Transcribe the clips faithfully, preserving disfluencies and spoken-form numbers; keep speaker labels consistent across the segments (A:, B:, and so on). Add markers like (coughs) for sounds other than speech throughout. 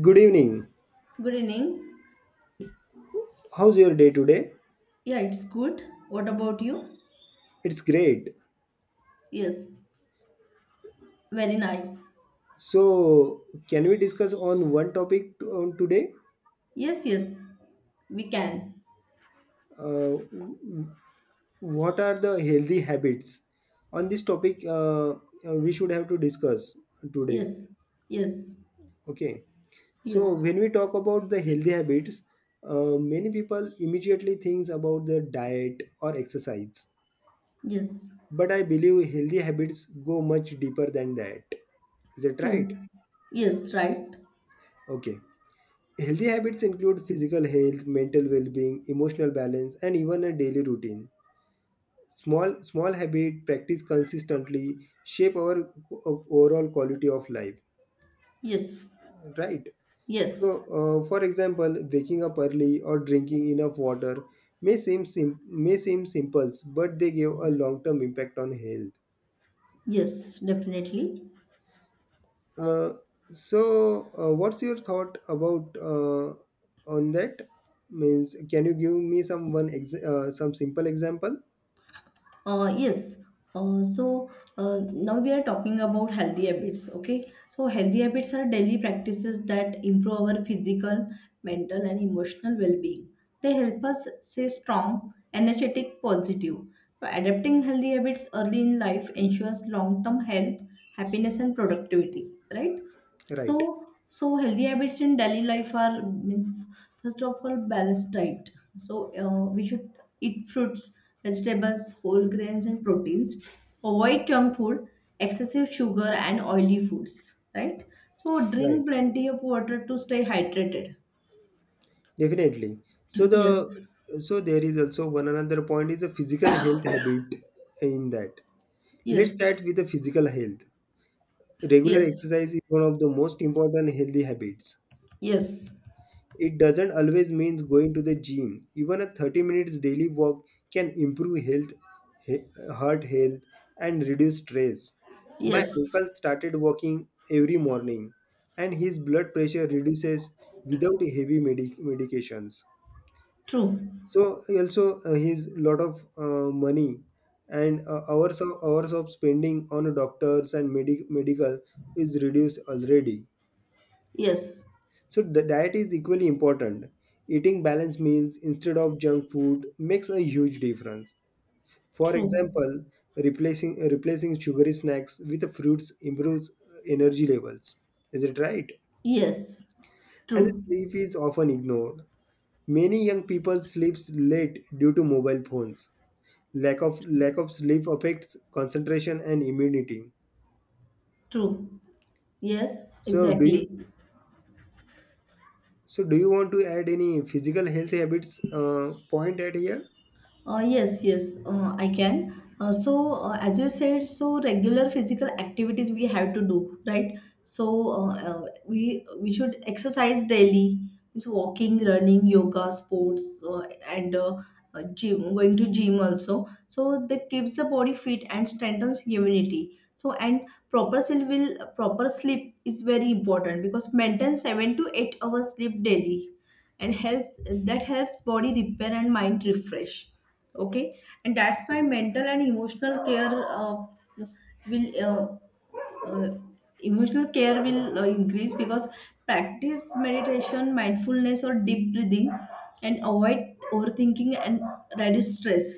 A: Good evening.
B: Good evening.
A: How's your day today?
B: Yeah, it's good. What about you?
A: It's great.
B: Yes, very nice.
A: So, can we discuss on one topic to- on today?
B: Yes, yes, we can.
A: Uh, w- what are the healthy habits? On this topic, uh, uh, we should have to discuss today.
B: Yes, yes,
A: Okay. So,
B: yes,
A: when we talk about the healthy habits, uh, many people immediately thinks about the diet or exercise.
B: yes.
A: But I believe healthy habits go much deeper than that. Is that right?
B: True. Yes, right.
A: Okay. Healthy habits include physical health, mental well-being, emotional balance, and even a daily routine. Small small habit practice consistently shape our o- overall quality of life.
B: Yes,
A: Right.
B: yes,
A: So, uh, for example, waking up early or drinking enough water may seem sim- may seem simple, but they give a long-term impact on health.
B: yes, definitely.
A: Uh, so, uh, what's your thought about uh, on that? Means, can you give me some one ex- uh, some simple example?
B: Uh, yes. Uh, so uh, Now we are talking about healthy habits. Okay. So healthy habits are daily practices that improve our physical, mental, and emotional well-being. They help us stay strong, energetic, positive. So adapting healthy habits early in life ensures long-term health, happiness, and productivity. Right.
A: Right,
B: So, so healthy habits in daily life are means first of all balanced diet. So uh, we should eat fruits, vegetables, whole grains, and proteins. Avoid junk food, excessive sugar, and oily foods. Right. So
A: right,
B: drink plenty of water to stay hydrated.
A: definitely. So
B: (clears throat)
A: the
B: Yes.
A: so there is also one another point is the physical health habit in that. Let's
B: Yes.
A: start with the physical health. Regular
B: Yes.
A: exercise is one of the most important healthy habits.
B: Yes.
A: It doesn't always means going to the gym. Even a thirty minutes daily walk can improve health, he- heart health, and reduce stress. My
B: Yes.
A: uncle started walking every morning, and his blood pressure reduces without heavy medic medications.
B: True.
A: So also uh, his lot of uh, money and uh, hours of hours of spending on doctors and medi- medical is reduced already.
B: Yes.
A: So the diet is equally important. Eating balanced meals instead of junk food makes a huge difference. For
B: True.
A: example, replacing replacing sugary snacks with fruits improves uh, energy levels. Is it right?
B: Yes.
A: And
B: True.
A: sleep is often ignored. Many young people sleep late due to mobile phones. Lack of lack of sleep affects concentration and immunity.
B: True. Yes.
A: so do you
B: Exactly.
A: so do you want to add any physical health habits uh, point at here?
B: Uh, yes, yes, uh, I can. Uh, so, uh, as you said, so regular physical activities we have to do, right? So, uh, uh, we we should exercise daily. It's walking, running, yoga, sports, uh, and uh, uh, gym. Going to gym also. So that keeps the body fit and strengthens immunity. So and proper sleep will proper sleep is very important because maintain seven to eight hours sleep daily, and helps that helps body repair and mind refresh. Okay. And that's why mental and emotional care uh, will uh, uh, emotional care will uh, increase, because practice meditation, mindfulness, or deep breathing, and avoid overthinking and reduce stress.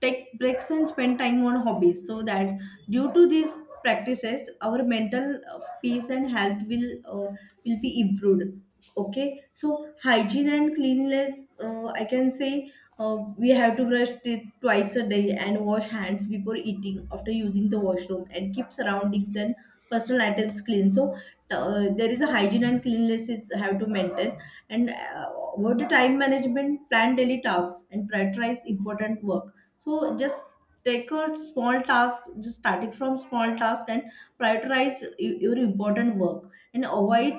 B: Take breaks and spend time on hobbies, so that due to these practices, our mental uh, peace and health will uh, will be improved. Okay, so hygiene and cleanliness, uh, I can say uh, we have to brush teeth twice a day and wash hands before eating, after using the washroom, and keep surroundings and personal items clean. So uh, there is a hygiene and cleanliness is have to maintain. And uh, about the time management, plan daily tasks and prioritize important work. So just take a small task, just starting from small task, and prioritize y- your important work, and avoid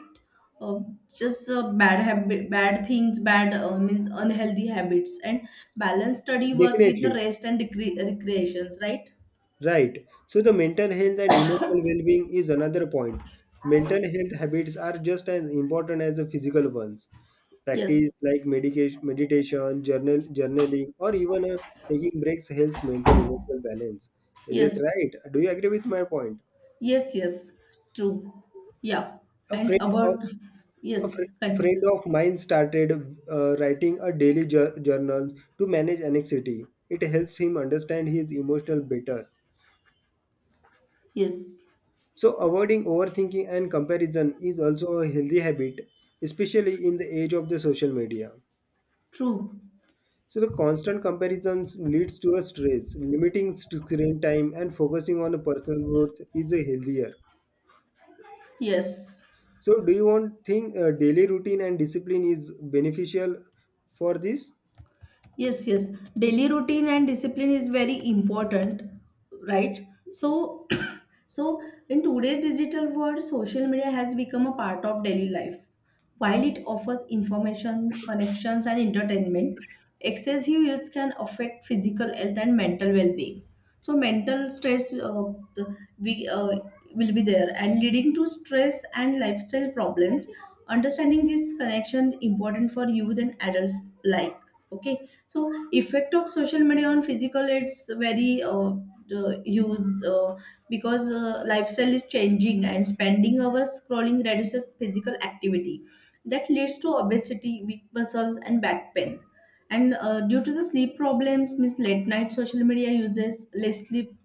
B: uh, just uh, bad habit, bad things, bad uh, means unhealthy habits, and balance study work with the
A: Definitely.
B: rest and recre- recreations, right?
A: Right, so the mental health and emotional well-being is another point. Mental health habits are just as important as the physical ones. Practice
B: Yes,
A: like medication meditation, journal journaling, or even uh, taking breaks helps maintain emotional balance. Is
B: yes,
A: it right? Do you agree with my point?
B: yes, yes, true. Yeah,
A: a
B: and
A: friend or
B: about
A: A fri
B: yes,
A: Friend
B: and
A: of mine started uh, writing a daily jour- journal to manage anxiety. It helps him understand his emotional better.
B: yes,
A: So, avoiding overthinking and comparison is also a healthy habit, especially in the age of the social media.
B: true.
A: So, the constant comparisons leads to a stress. Limiting st- screen time and focusing on the personal growth is a healthier.
B: Yes,
A: So, do you want think uh, daily routine and discipline is beneficial for this?
B: yes, yes. Daily routine and discipline is very important, right? So, (clears throat) so in today's digital world, social media has become a part of daily life. While it offers information, connections, and entertainment, excessive use can affect physical health and mental well-being. So mental stress uh, we uh, will be there, and leading to stress and lifestyle problems. Understanding this connection important for youth and adults, like. Okay. So effect of social media on physical, it's very uh, the use uh, because uh, lifestyle is changing, and spending hours scrolling reduces physical activity, that leads to obesity, weak muscles, and back pain. And uh, due to the sleep problems, means late night social media uses, less sleep,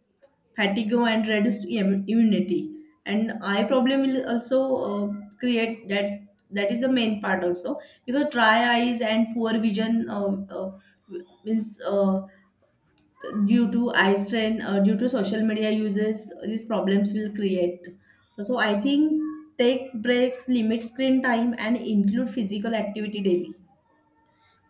B: fatigue, and reduced im- immunity. And eye problem will also uh, create, that's that is the main part also, because dry eyes and poor vision uh, uh, means uh, due to eye strain uh, due to social media uses, these problems will create. So I think take breaks, limit screen time, and include physical activity daily.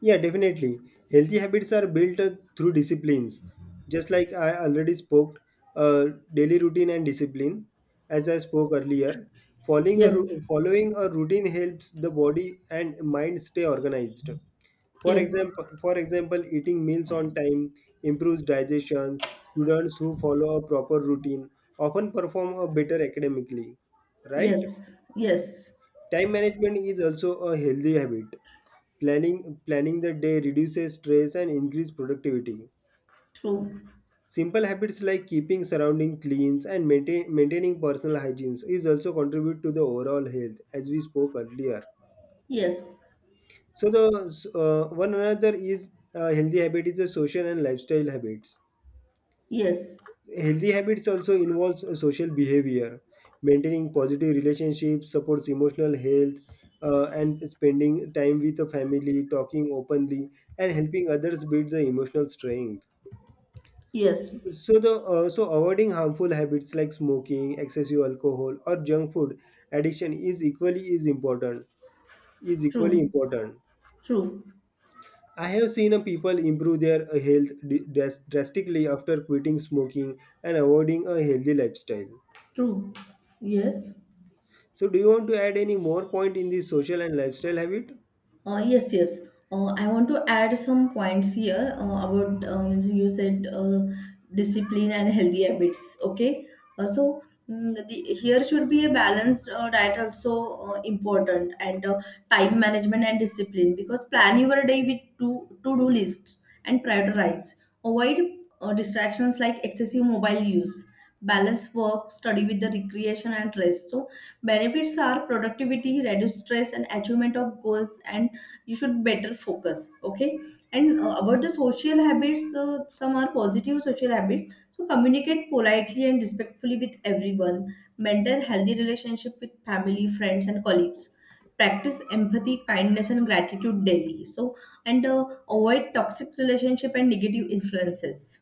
A: Yeah, definitely. Healthy habits are built uh, through disciplines. Just like I already spoke, uh, daily routine and discipline, as I spoke earlier. Following a,
B: Yes.
A: ru- following a routine helps the body and mind stay organized. For
B: Yes.
A: example, for example, eating meals on time improves digestion. Students who follow a proper routine often perform a better academically, right?
B: Yes, yes,
A: Time management is also a healthy habit. Planning planning the day reduces stress and increases productivity.
B: true.
A: Simple habits like keeping surrounding clean and maintain, maintaining personal hygiene is also contribute to the overall health as we spoke earlier.
B: Yes,
A: So the so, uh, one another is uh, healthy habit is the social and lifestyle habits.
B: yes,
A: Healthy habits also involves a social behavior, maintaining positive relationships, supports emotional health, uh, and spending time with the family, talking openly, and helping others build the emotional strength. So,
B: yes,
A: so the uh, so avoiding harmful habits like smoking, excessive alcohol, or junk food addiction is equally is important. Is equally
B: true,
A: important.
B: true,
A: I have seen a people improve their uh, health d- dras- drastically after quitting smoking and avoiding a healthy lifestyle.
B: true. Yes.
A: So do you want to add any more point in the social and lifestyle habit?
B: Uh, yes, yes. Uh, I want to add some points here uh, about um, you said uh, discipline and healthy habits. Okay, uh, so mm, the, here should be a balanced uh, diet also uh, important, and uh, time management and discipline, because plan your day with to to do lists and prioritize. Avoid uh, distractions like excessive mobile use. Balance work, study with the recreation and rest. So benefits are productivity, reduced stress, and achievement of goals, and you should better focus. Okay. And uh, about the social habits, uh, some are positive social habits. So communicate politely and respectfully with everyone, maintain healthy relationship with family, friends, and colleagues, practice empathy, kindness, and gratitude daily. So and uh, avoid toxic relationship and negative influences,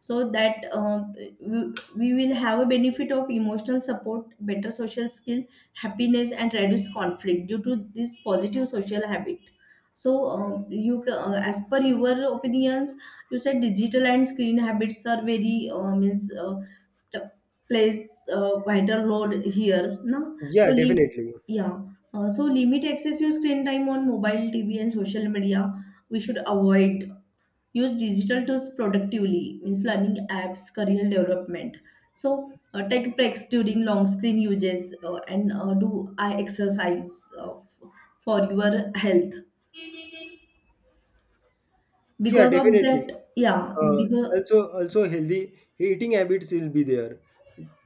B: so that um, we we will have a benefit of emotional support, better social skill, happiness, and reduce conflict due to this positive social habit. So um, you ca- uh, as per your opinions, you said digital and screen habits are very uh, means uh, t- plays uh, vital role here, no? so
A: Yeah,
B: lim-
A: definitely.
B: yeah, uh, so limit excessive screen time on mobile, tv, and social media, we should avoid. Use digital tools productively, means learning apps, career development. So uh, take breaks during long screen uses, uh, and uh, do eye exercise uh, f- for your health,
A: Yeah,
B: because of
A: definitely.
B: that. Yeah,
A: Uh,
B: because
A: also, also healthy eating habits will be there.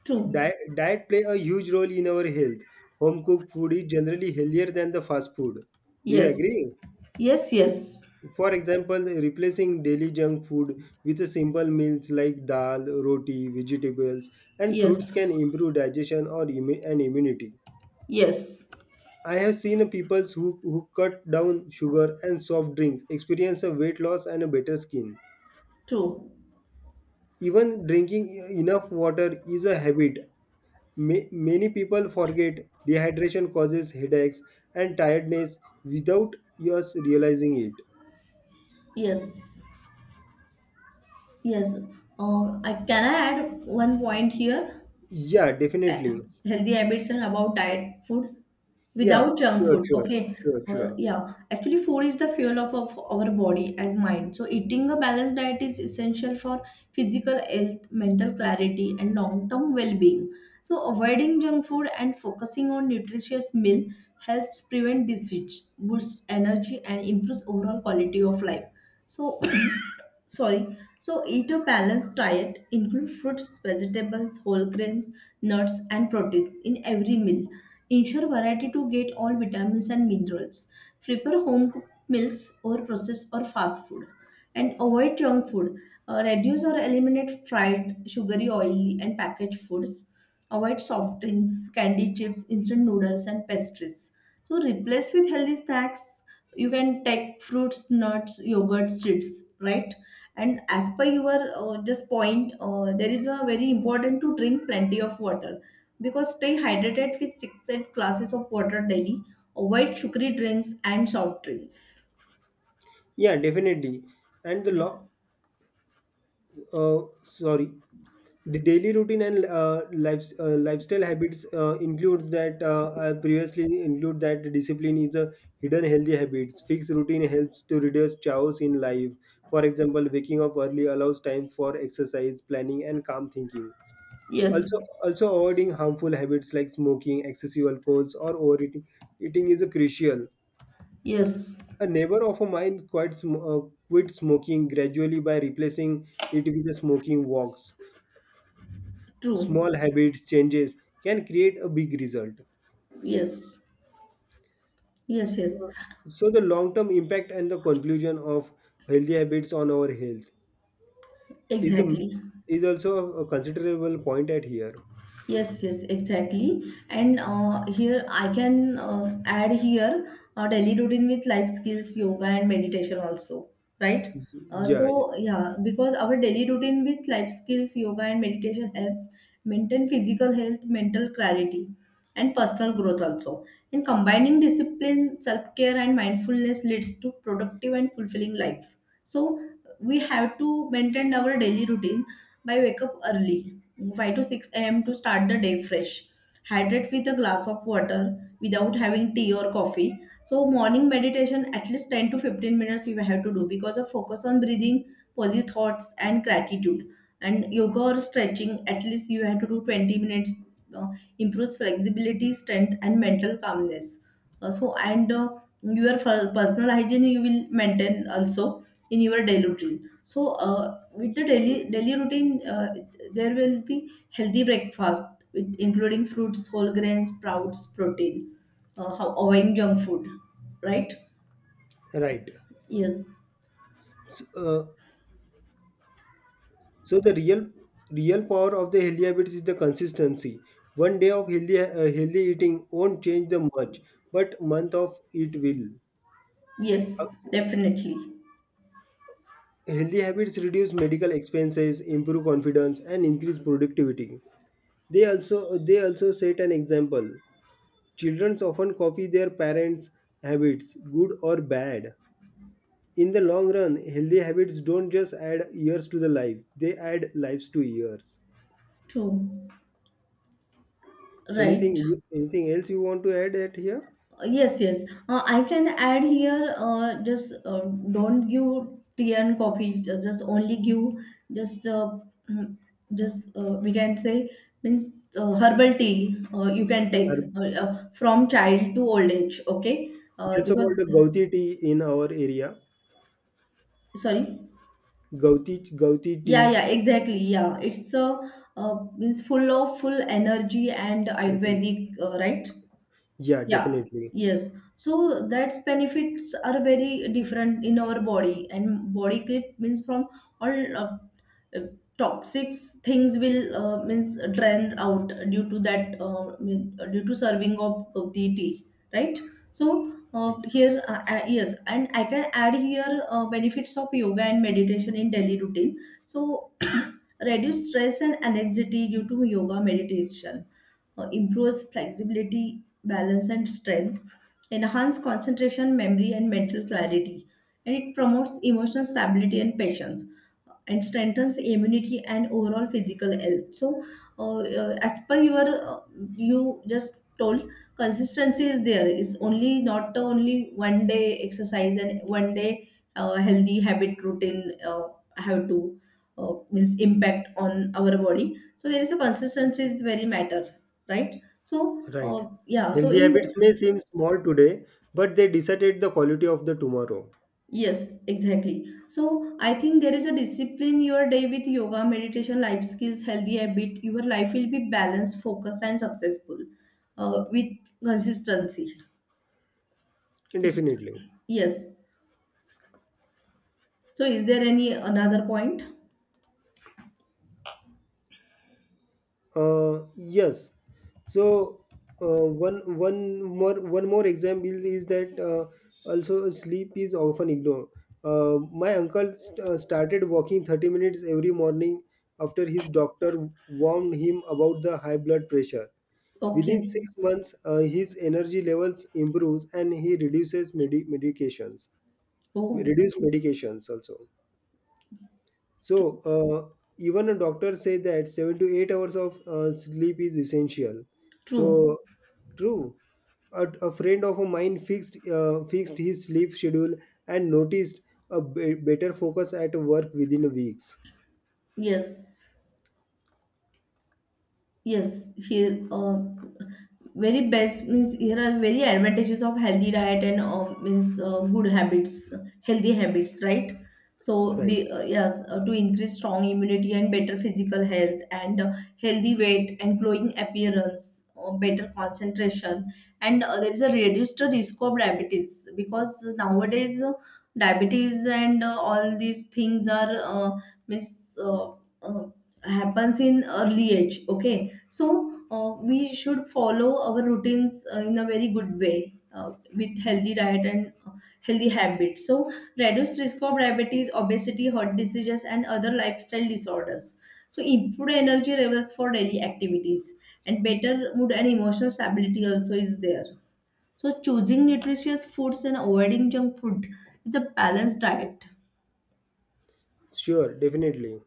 B: true,
A: Diet, diet play a huge role in our health. Home cooked food is generally healthier than the fast food. Do you
B: yes,
A: agree?
B: yes, yes,
A: For example, replacing daily junk food with a simple meals like dal, roti, vegetables, and fruits
B: yes,
A: can improve digestion or immu- and immunity.
B: yes,
A: I have seen a people who, who cut down sugar and soft drinks experience a weight loss and a better skin.
B: true,
A: Even drinking enough water is a habit. Ma- many people forget dehydration causes headaches and tiredness without us realizing it.
B: yes, yes. Uh, I, can I add one point here?
A: Yeah, definitely.
B: Uh, healthy habits are about diet food
A: Yeah,
B: without junk
A: sure,
B: food.
A: sure,
B: Okay.
A: sure,
B: Uh,
A: sure.
B: yeah, actually food is the fuel of, of our body and mind. So eating a balanced diet is essential for physical health, mental clarity, and long term well being. So avoiding junk food and focusing on nutritious meal helps prevent disease, boosts energy, and improves overall quality of life. So, (coughs) sorry. So, eat a balanced diet, include fruits, vegetables, whole grains, nuts, and proteins in every meal. Ensure variety to get all vitamins and minerals. Prefer home cooked meals or processed or fast food. And avoid junk food. Uh, reduce or eliminate fried, sugary, oily, and packaged foods. Avoid soft drinks, candy chips, instant noodles, and pastries. So replace with healthy snacks. You can take fruits, nuts, yogurt, seeds, right? And as per your uh, just point, uh, there is a very important to drink plenty of water, because stay hydrated with six eight glasses of water daily. Avoid sugary drinks and soft drinks.
A: Yeah, definitely. And the law, uh, sorry, the daily routine and uh, lives, uh, lifestyle habits uh, includes that uh, I previously include that discipline is a hidden healthy habits. Fixed routine helps to reduce chaos in life. For example, waking up early allows time for exercise, planning, and calm thinking.
B: Yes,
A: Also, also avoiding harmful habits like smoking, excessive alcohols, or overeating eating is a crucial.
B: yes,
A: A neighbor of mine quit, sm- uh, quit smoking gradually by replacing it with a smoking walks.
B: true.
A: Small habits changes can create a big result.
B: Yes, yes, yes,
A: Uh, so the long term impact and the conclusion of healthy habits on our health is the
B: exactly.
A: is also a, a considerable point at here.
B: Yes, yes, exactly. And uh, here I can uh, add here a daily routine with life skills, yoga, and meditation also, right? Uh,
A: yeah,
B: so yeah, because our daily routine with life skills, yoga, and meditation helps maintain physical health, mental clarity, and personal growth also. And combining discipline, self-care, and mindfulness leads to productive and fulfilling life. So we have to maintain our daily routine. I wake up early, five to six a m, to start the day fresh, hydrate with a glass of water without having tea or coffee. So morning meditation, at least ten to fifteen minutes you have to do, because of focus on breathing, positive thoughts, and gratitude. And yoga or stretching, at least you have to do twenty minutes, uh, improves flexibility, strength, and mental calmness. Uh, so and uh, your fir- personal hygiene you will maintain also in your daily routine. So uh, with the daily daily routine, uh, there will be healthy breakfast with including fruits, whole grains, sprouts, protein, uh, how avoiding junk food, right?
A: yeah right.
B: Yes,
A: uh, so the real real power of the healthy habits is the consistency. One day of healthy uh, healthy eating won't change the much, but month of it will.
B: yes, definitely.
A: Healthy habits reduce medical expenses, improve confidence, and increase productivity. They also they also set an example. Children often copy their parents' habits, good or bad. In the long run, healthy habits don't just add years to the life; they add lives to years.
B: True, right?
A: Anything you, anything else you want to add at here?
B: Uh, Yes, yes. Uh, I can add here. Uh, just uh, Don't give tea and coffee. uh, Just only give just uh, mm, just uh, we can say means uh, herbal tea. Uh, you can
A: Or
B: take uh, uh, from child to old age. Okay.
A: we
B: Uh,
A: also
B: because
A: called the Gauti tea in our area.
B: sorry.
A: Gauti Gauti tea.
B: Yeah, yeah, exactly. Yeah, it's a uh, means full of full energy and Ayurvedic, uh, right?
A: Yeah,
B: Yeah,
A: definitely.
B: yes. So that's benefits are very different in our body, and body clean means from all uh, uh, toxic things will uh, means drain out, due to that uh, mean- uh, due to serving of, of the tea, right? So uh,
A: Right.
B: here uh, uh, yes, and I can add here uh, benefits of yoga and meditation in daily routine. So (coughs) (clears throat) reduce stress and anxiety due to yoga meditation, uh, improves flexibility, balance, and strength, enhance concentration, memory, and mental clarity, and it promotes emotional stability and patience, uh, and strengthens immunity and overall physical health. So, uh, uh, as per your uh, you just told, consistency is there. It's only not the only one day exercise and one day uh, healthy habit routine uh, have to uh, means impact on our body. So there is a consistency is very matter, right? So
A: Right.
B: uh, yeah so
A: Healthy
B: in
A: habits
B: the,
A: may seem small today, but they decide the quality of the tomorrow.
B: yes, exactly. So I think there is a discipline your day with yoga, meditation, life skills, healthy habit, your life will be balanced, focused, and successful, uh, with consistency, it's
A: Definitely.
B: yes. So is there any another point?
A: Uh, yes. So uh, one one more one more example is that uh, also sleep is often ignored. Uh, my uncle st- uh, started walking thirty minutes every morning after his doctor warned him about the high blood pressure. Within
B: Okay.
A: six months, uh, his energy levels improves and he reduces medi- medications.
B: Oh.
A: Reduce medications also.
B: tr-
A: So uh, even a doctor say that seven to eight hours of uh, sleep is essential.
B: True,
A: So true. A, a friend of mine fixed uh, fixed his sleep schedule and noticed a b- better focus at work within weeks.
B: yes. Yes, here uh, very best means here are very advantages of healthy diet and uh, means uh, good habits, healthy habits, right? So
A: Right.
B: be uh, yes uh, to increase strong immunity and better physical health, and uh, healthy weight and glowing appearance, uh, better concentration, and uh, there is a reduced risk of diabetes, because nowadays uh, diabetes and uh, all these things are uh, means. Uh, uh, Happens in early age, okay. So uh, we should follow our routines uh, in a very good way, uh, with healthy diet and uh, healthy habits. So reduce risk of diabetes, obesity, heart diseases, and other lifestyle disorders. So improve energy levels for daily activities and better mood and emotional stability also is there. So choosing nutritious foods and avoiding junk food is a balanced diet.
A: Sure. Definitely.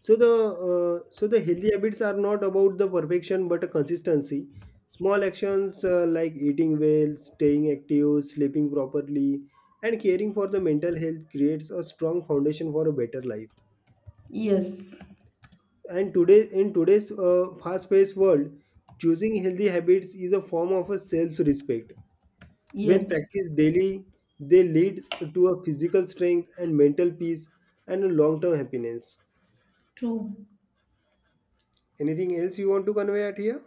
A: So the uh, so the healthy habits are not about the perfection but a consistency. Small actions uh, like eating well, staying active, sleeping properly, and caring for the mental health creates a strong foundation for a better life.
B: Yes,
A: And today, in today's uh, fast-paced world, choosing healthy habits is a form of a self-respect. When
B: yes,
A: practiced daily, they lead to a physical strength and mental peace and a long-term happiness.
B: true.
A: Anything else you want to convey at here?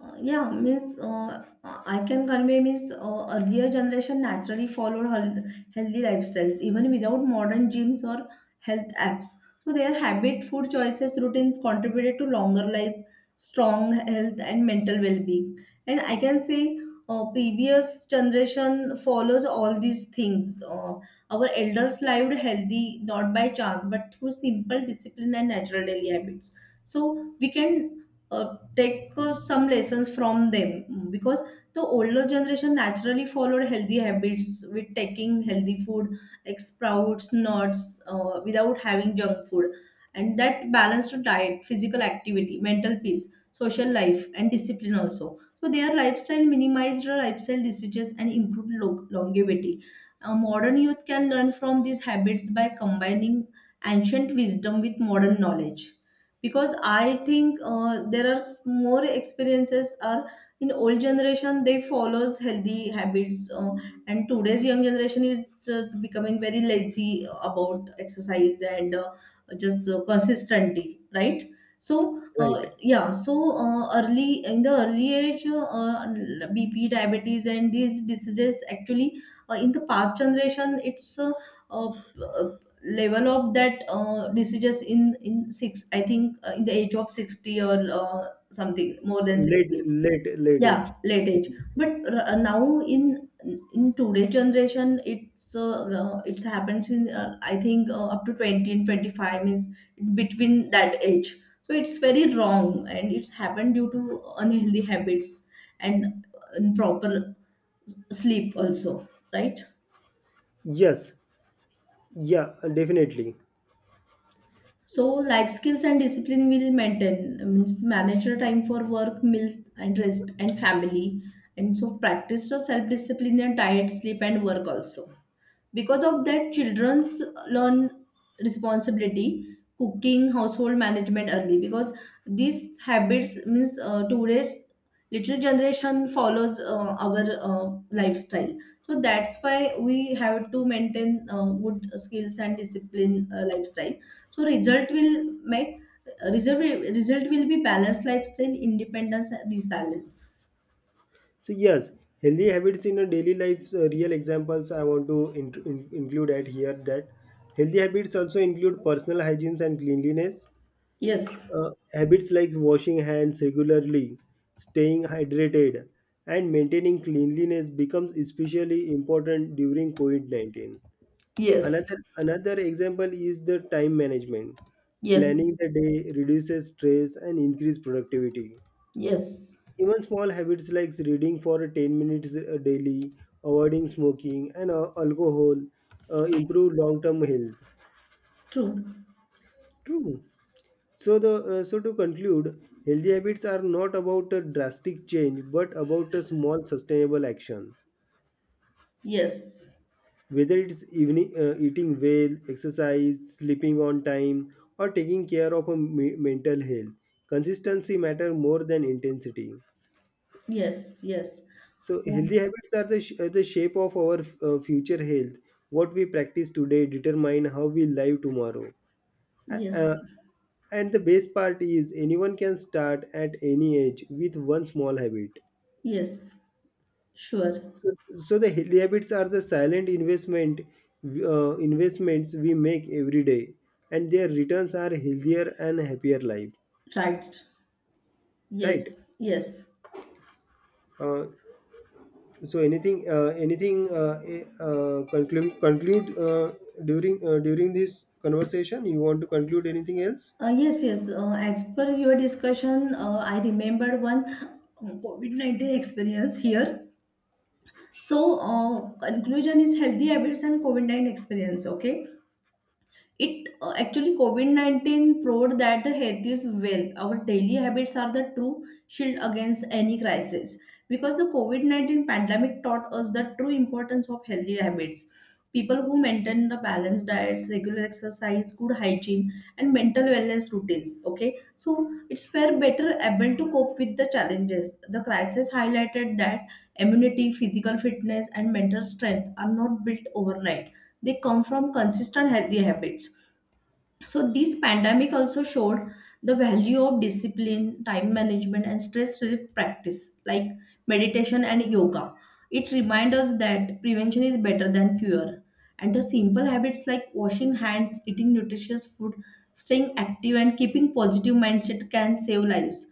B: Uh, Yeah, means uh, I can convey, means uh, earlier generation naturally followed health, healthy lifestyles even without modern gyms or health apps. So their habit, food choices, routines contributed to longer life, strong health, and mental well-being. And I can say uh, previous generation follows all these things. Uh, our elders lived healthy not by chance but through simple discipline and natural daily habits. So we can uh, take uh, some lessons from them Mm, because the older generation naturally followed healthy habits with taking healthy food like sprouts, nuts, uh, without having junk food, and that balanced diet, physical activity, mental peace, social life, and discipline also. So their lifestyle minimized the lifestyle diseases and improved lo- longevity. Uh, modern youth can learn from these habits by combining ancient wisdom with modern knowledge, because I think uh, there are s- more experiences are in old generation. They follows healthy habits, uh, and today's young generation is just becoming very lazy about exercise and uh, just uh, consistency, right? So
A: Right.
B: uh, yeah, so uh, early in the early age, uh, BP, diabetes and these diseases, actually, uh, in the past generation it's uh, uh, level of that, uh, decisions in in six, I think, uh, in the age of sixty, or uh, something more than
A: Late,
B: sixty.
A: late, late age.
B: Yeah, late age, but r- uh, now in in today generation, it's uh, uh, it's happens in, uh, I think, uh, up to twenty and twenty-five is between that age. So it's very wrong, and it's happened due to unhealthy habits and uh, improper sleep also, right?
A: Yes, yeah, definitely.
B: So life skills and discipline will maintain, means, manage your time for work, meals and rest and family. And so practice your self-discipline and diet, sleep and work also, because of that children's learn responsibility, cooking, household management early, because these habits, means, uh, today's little generation follows uh, our uh, lifestyle, so that's why we have to maintain uh, good skills and discipline uh, lifestyle. So result will make result, result will be balanced lifestyle, independence, and resilience.
A: So yes, healthy habits in our daily lives. Uh, real examples I want to in, in- include at here that healthy habits also include personal hygiene and cleanliness.
B: Yes.
A: Uh, habits like washing hands regularly, staying hydrated, and maintaining cleanliness becomes especially important during COVID nineteen.
B: Yes,
A: Another another example is the time management.
B: yes,
A: Planning the day reduces stress and increase productivity.
B: yes.
A: Even small habits like reading for ten minutes uh, daily, avoiding smoking and uh, alcohol uh, improve long-term health.
B: True.
A: True. So the uh, so to conclude, healthy habits are not about a drastic change but about a small sustainable action.
B: Yes,
A: Whether it's evening uh, eating well, exercise, sleeping on time, or taking care of a me- mental health, consistency matter more than intensity.
B: yes, yes.
A: So
B: Mm.
A: healthy habits are the, sh- are the shape of our uh, future health. What we practice today determine how we live tomorrow. uh,
B: Yes,
A: and the best part is anyone can start at any age with one small habit.
B: yes. Sure.
A: So the healthy habits are the silent investment, uh, investments we make every day, and their returns are healthier and happier life.
B: Right.
A: Right.
B: Yes, yes.
A: Uh, so anything uh, anything uh, eh, uh, Conclude conclude uh, during uh, during this conversation. You want to conclude anything else?
B: Uh, yes, yes. Uh, as per your discussion, uh, I remember one, uh, COVID nineteen experience here. So, uh, conclusion is healthy habits and COVID nineteen experience, okay? It uh, Actually, COVID nineteen proved that the health is wealth. Our daily habits are the true shield against any crisis, because the COVID nineteen pandemic taught us the true importance of healthy habits. People who maintain the balanced diets, regular exercise, good hygiene, and mental wellness routines. Okay, so it's were better able to cope with the challenges. The crisis highlighted that immunity, physical fitness, and mental strength are not built overnight. They come from consistent healthy habits. So this pandemic also showed the value of discipline, time management, and stress relief practice like meditation and yoga. It reminds us that prevention is better than cure, and the simple habits like washing hands, eating nutritious food, staying active, and keeping positive mindset can save lives.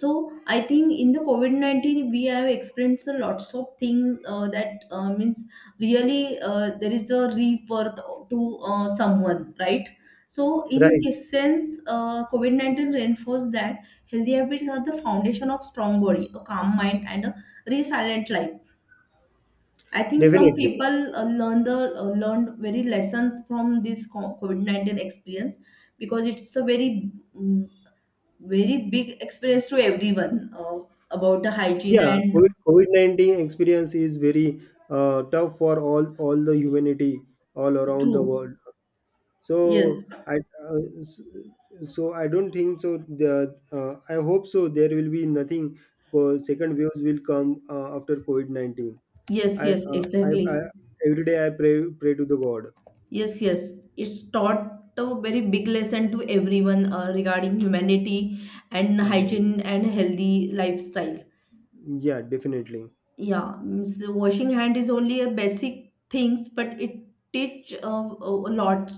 B: So I think in the COVID nineteen we have experienced a lots of things, uh, that, uh, means, really, uh, there is a rebirth to, uh, someone, right? So, in
A: Right,
B: essence, uh, COVID nineteen reinforced that healthy habits are the foundation of strong body, a calm mind, and a resilient life. I think some
A: definitely.
B: people uh, learn the uh, learned very lessons from this co- COVID nineteen experience, because it's a very mm, very big experience to everyone, uh, about the hygiene
A: Yeah, COVID,
B: and.
A: COVID-19 experience is very uh, tough for all all the humanity all around the
B: True.
A: world. so
B: Yes,
A: i uh, s- so I don't think so. The uh, I hope so there will be nothing co- second waves will come uh, after COVID nineteen.
B: yes,
A: I,
B: yes,
A: uh, I I
B: exactly.
A: every day I pray pray to the god.
B: Yes, yes. It's taught a very big lesson to everyone, uh, regarding humanity and
A: Mm,
B: hygiene and healthy lifestyle.
A: yeah, definitely.
B: Yeah, means washing hand is only a basic things, but it teach uh, a a lot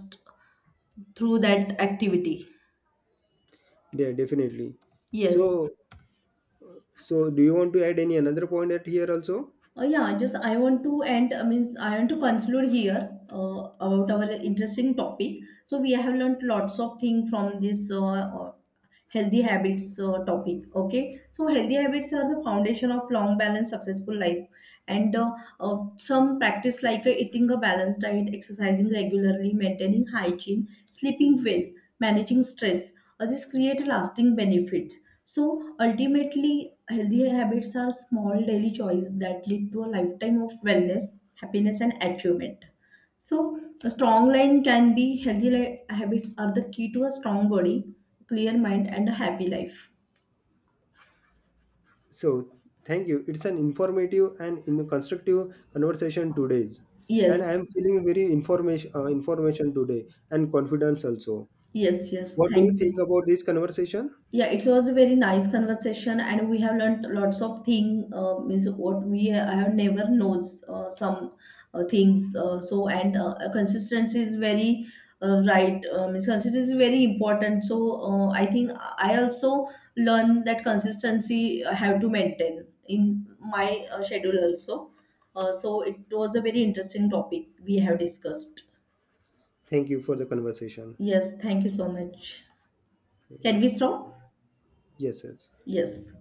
B: through that activity.
A: Yeah, definitely.
B: Yes.
A: So so do you want to add any another point at here also?
B: Uh, yeah, just I want to end, I mean, I want to conclude here uh, about our interesting topic. So we have learned lots of things from this uh, uh, healthy habits uh, topic. Okay, so healthy habits are the foundation of long, balanced, successful life, and uh, uh, some practice like uh, eating a balanced diet, exercising regularly, maintaining hygiene, sleeping well, managing stress. Uh, this create lasting benefits. So ultimately, healthy habits are small daily choices that lead to a lifetime of wellness, happiness, and achievement. So a strong line can be healthy li- habits are the key to a strong body, clear mind, and a happy life.
A: So thank you, it's an informative and in constructive conversation today's. And I
B: Yes,
A: am feeling very information uh, information today and confidence also.
B: yes, yes.
A: What do you
B: Thank you.
A: think about this conversation?
B: Yeah, it was a very nice conversation, and we have learned lots of thing. Uh, means what we ha- have never knows, uh, some, uh, things. Uh, so and, uh, consistency is very, uh, right. Uh, means consistency is very important. So uh, I think I also learn that consistency I have to maintain in my uh, schedule also. Uh, so it was a very interesting topic we have discussed.
A: Thank you for the conversation.
B: Yes, thank you so much. Can we stop?
A: Yes, yes.
B: Yes.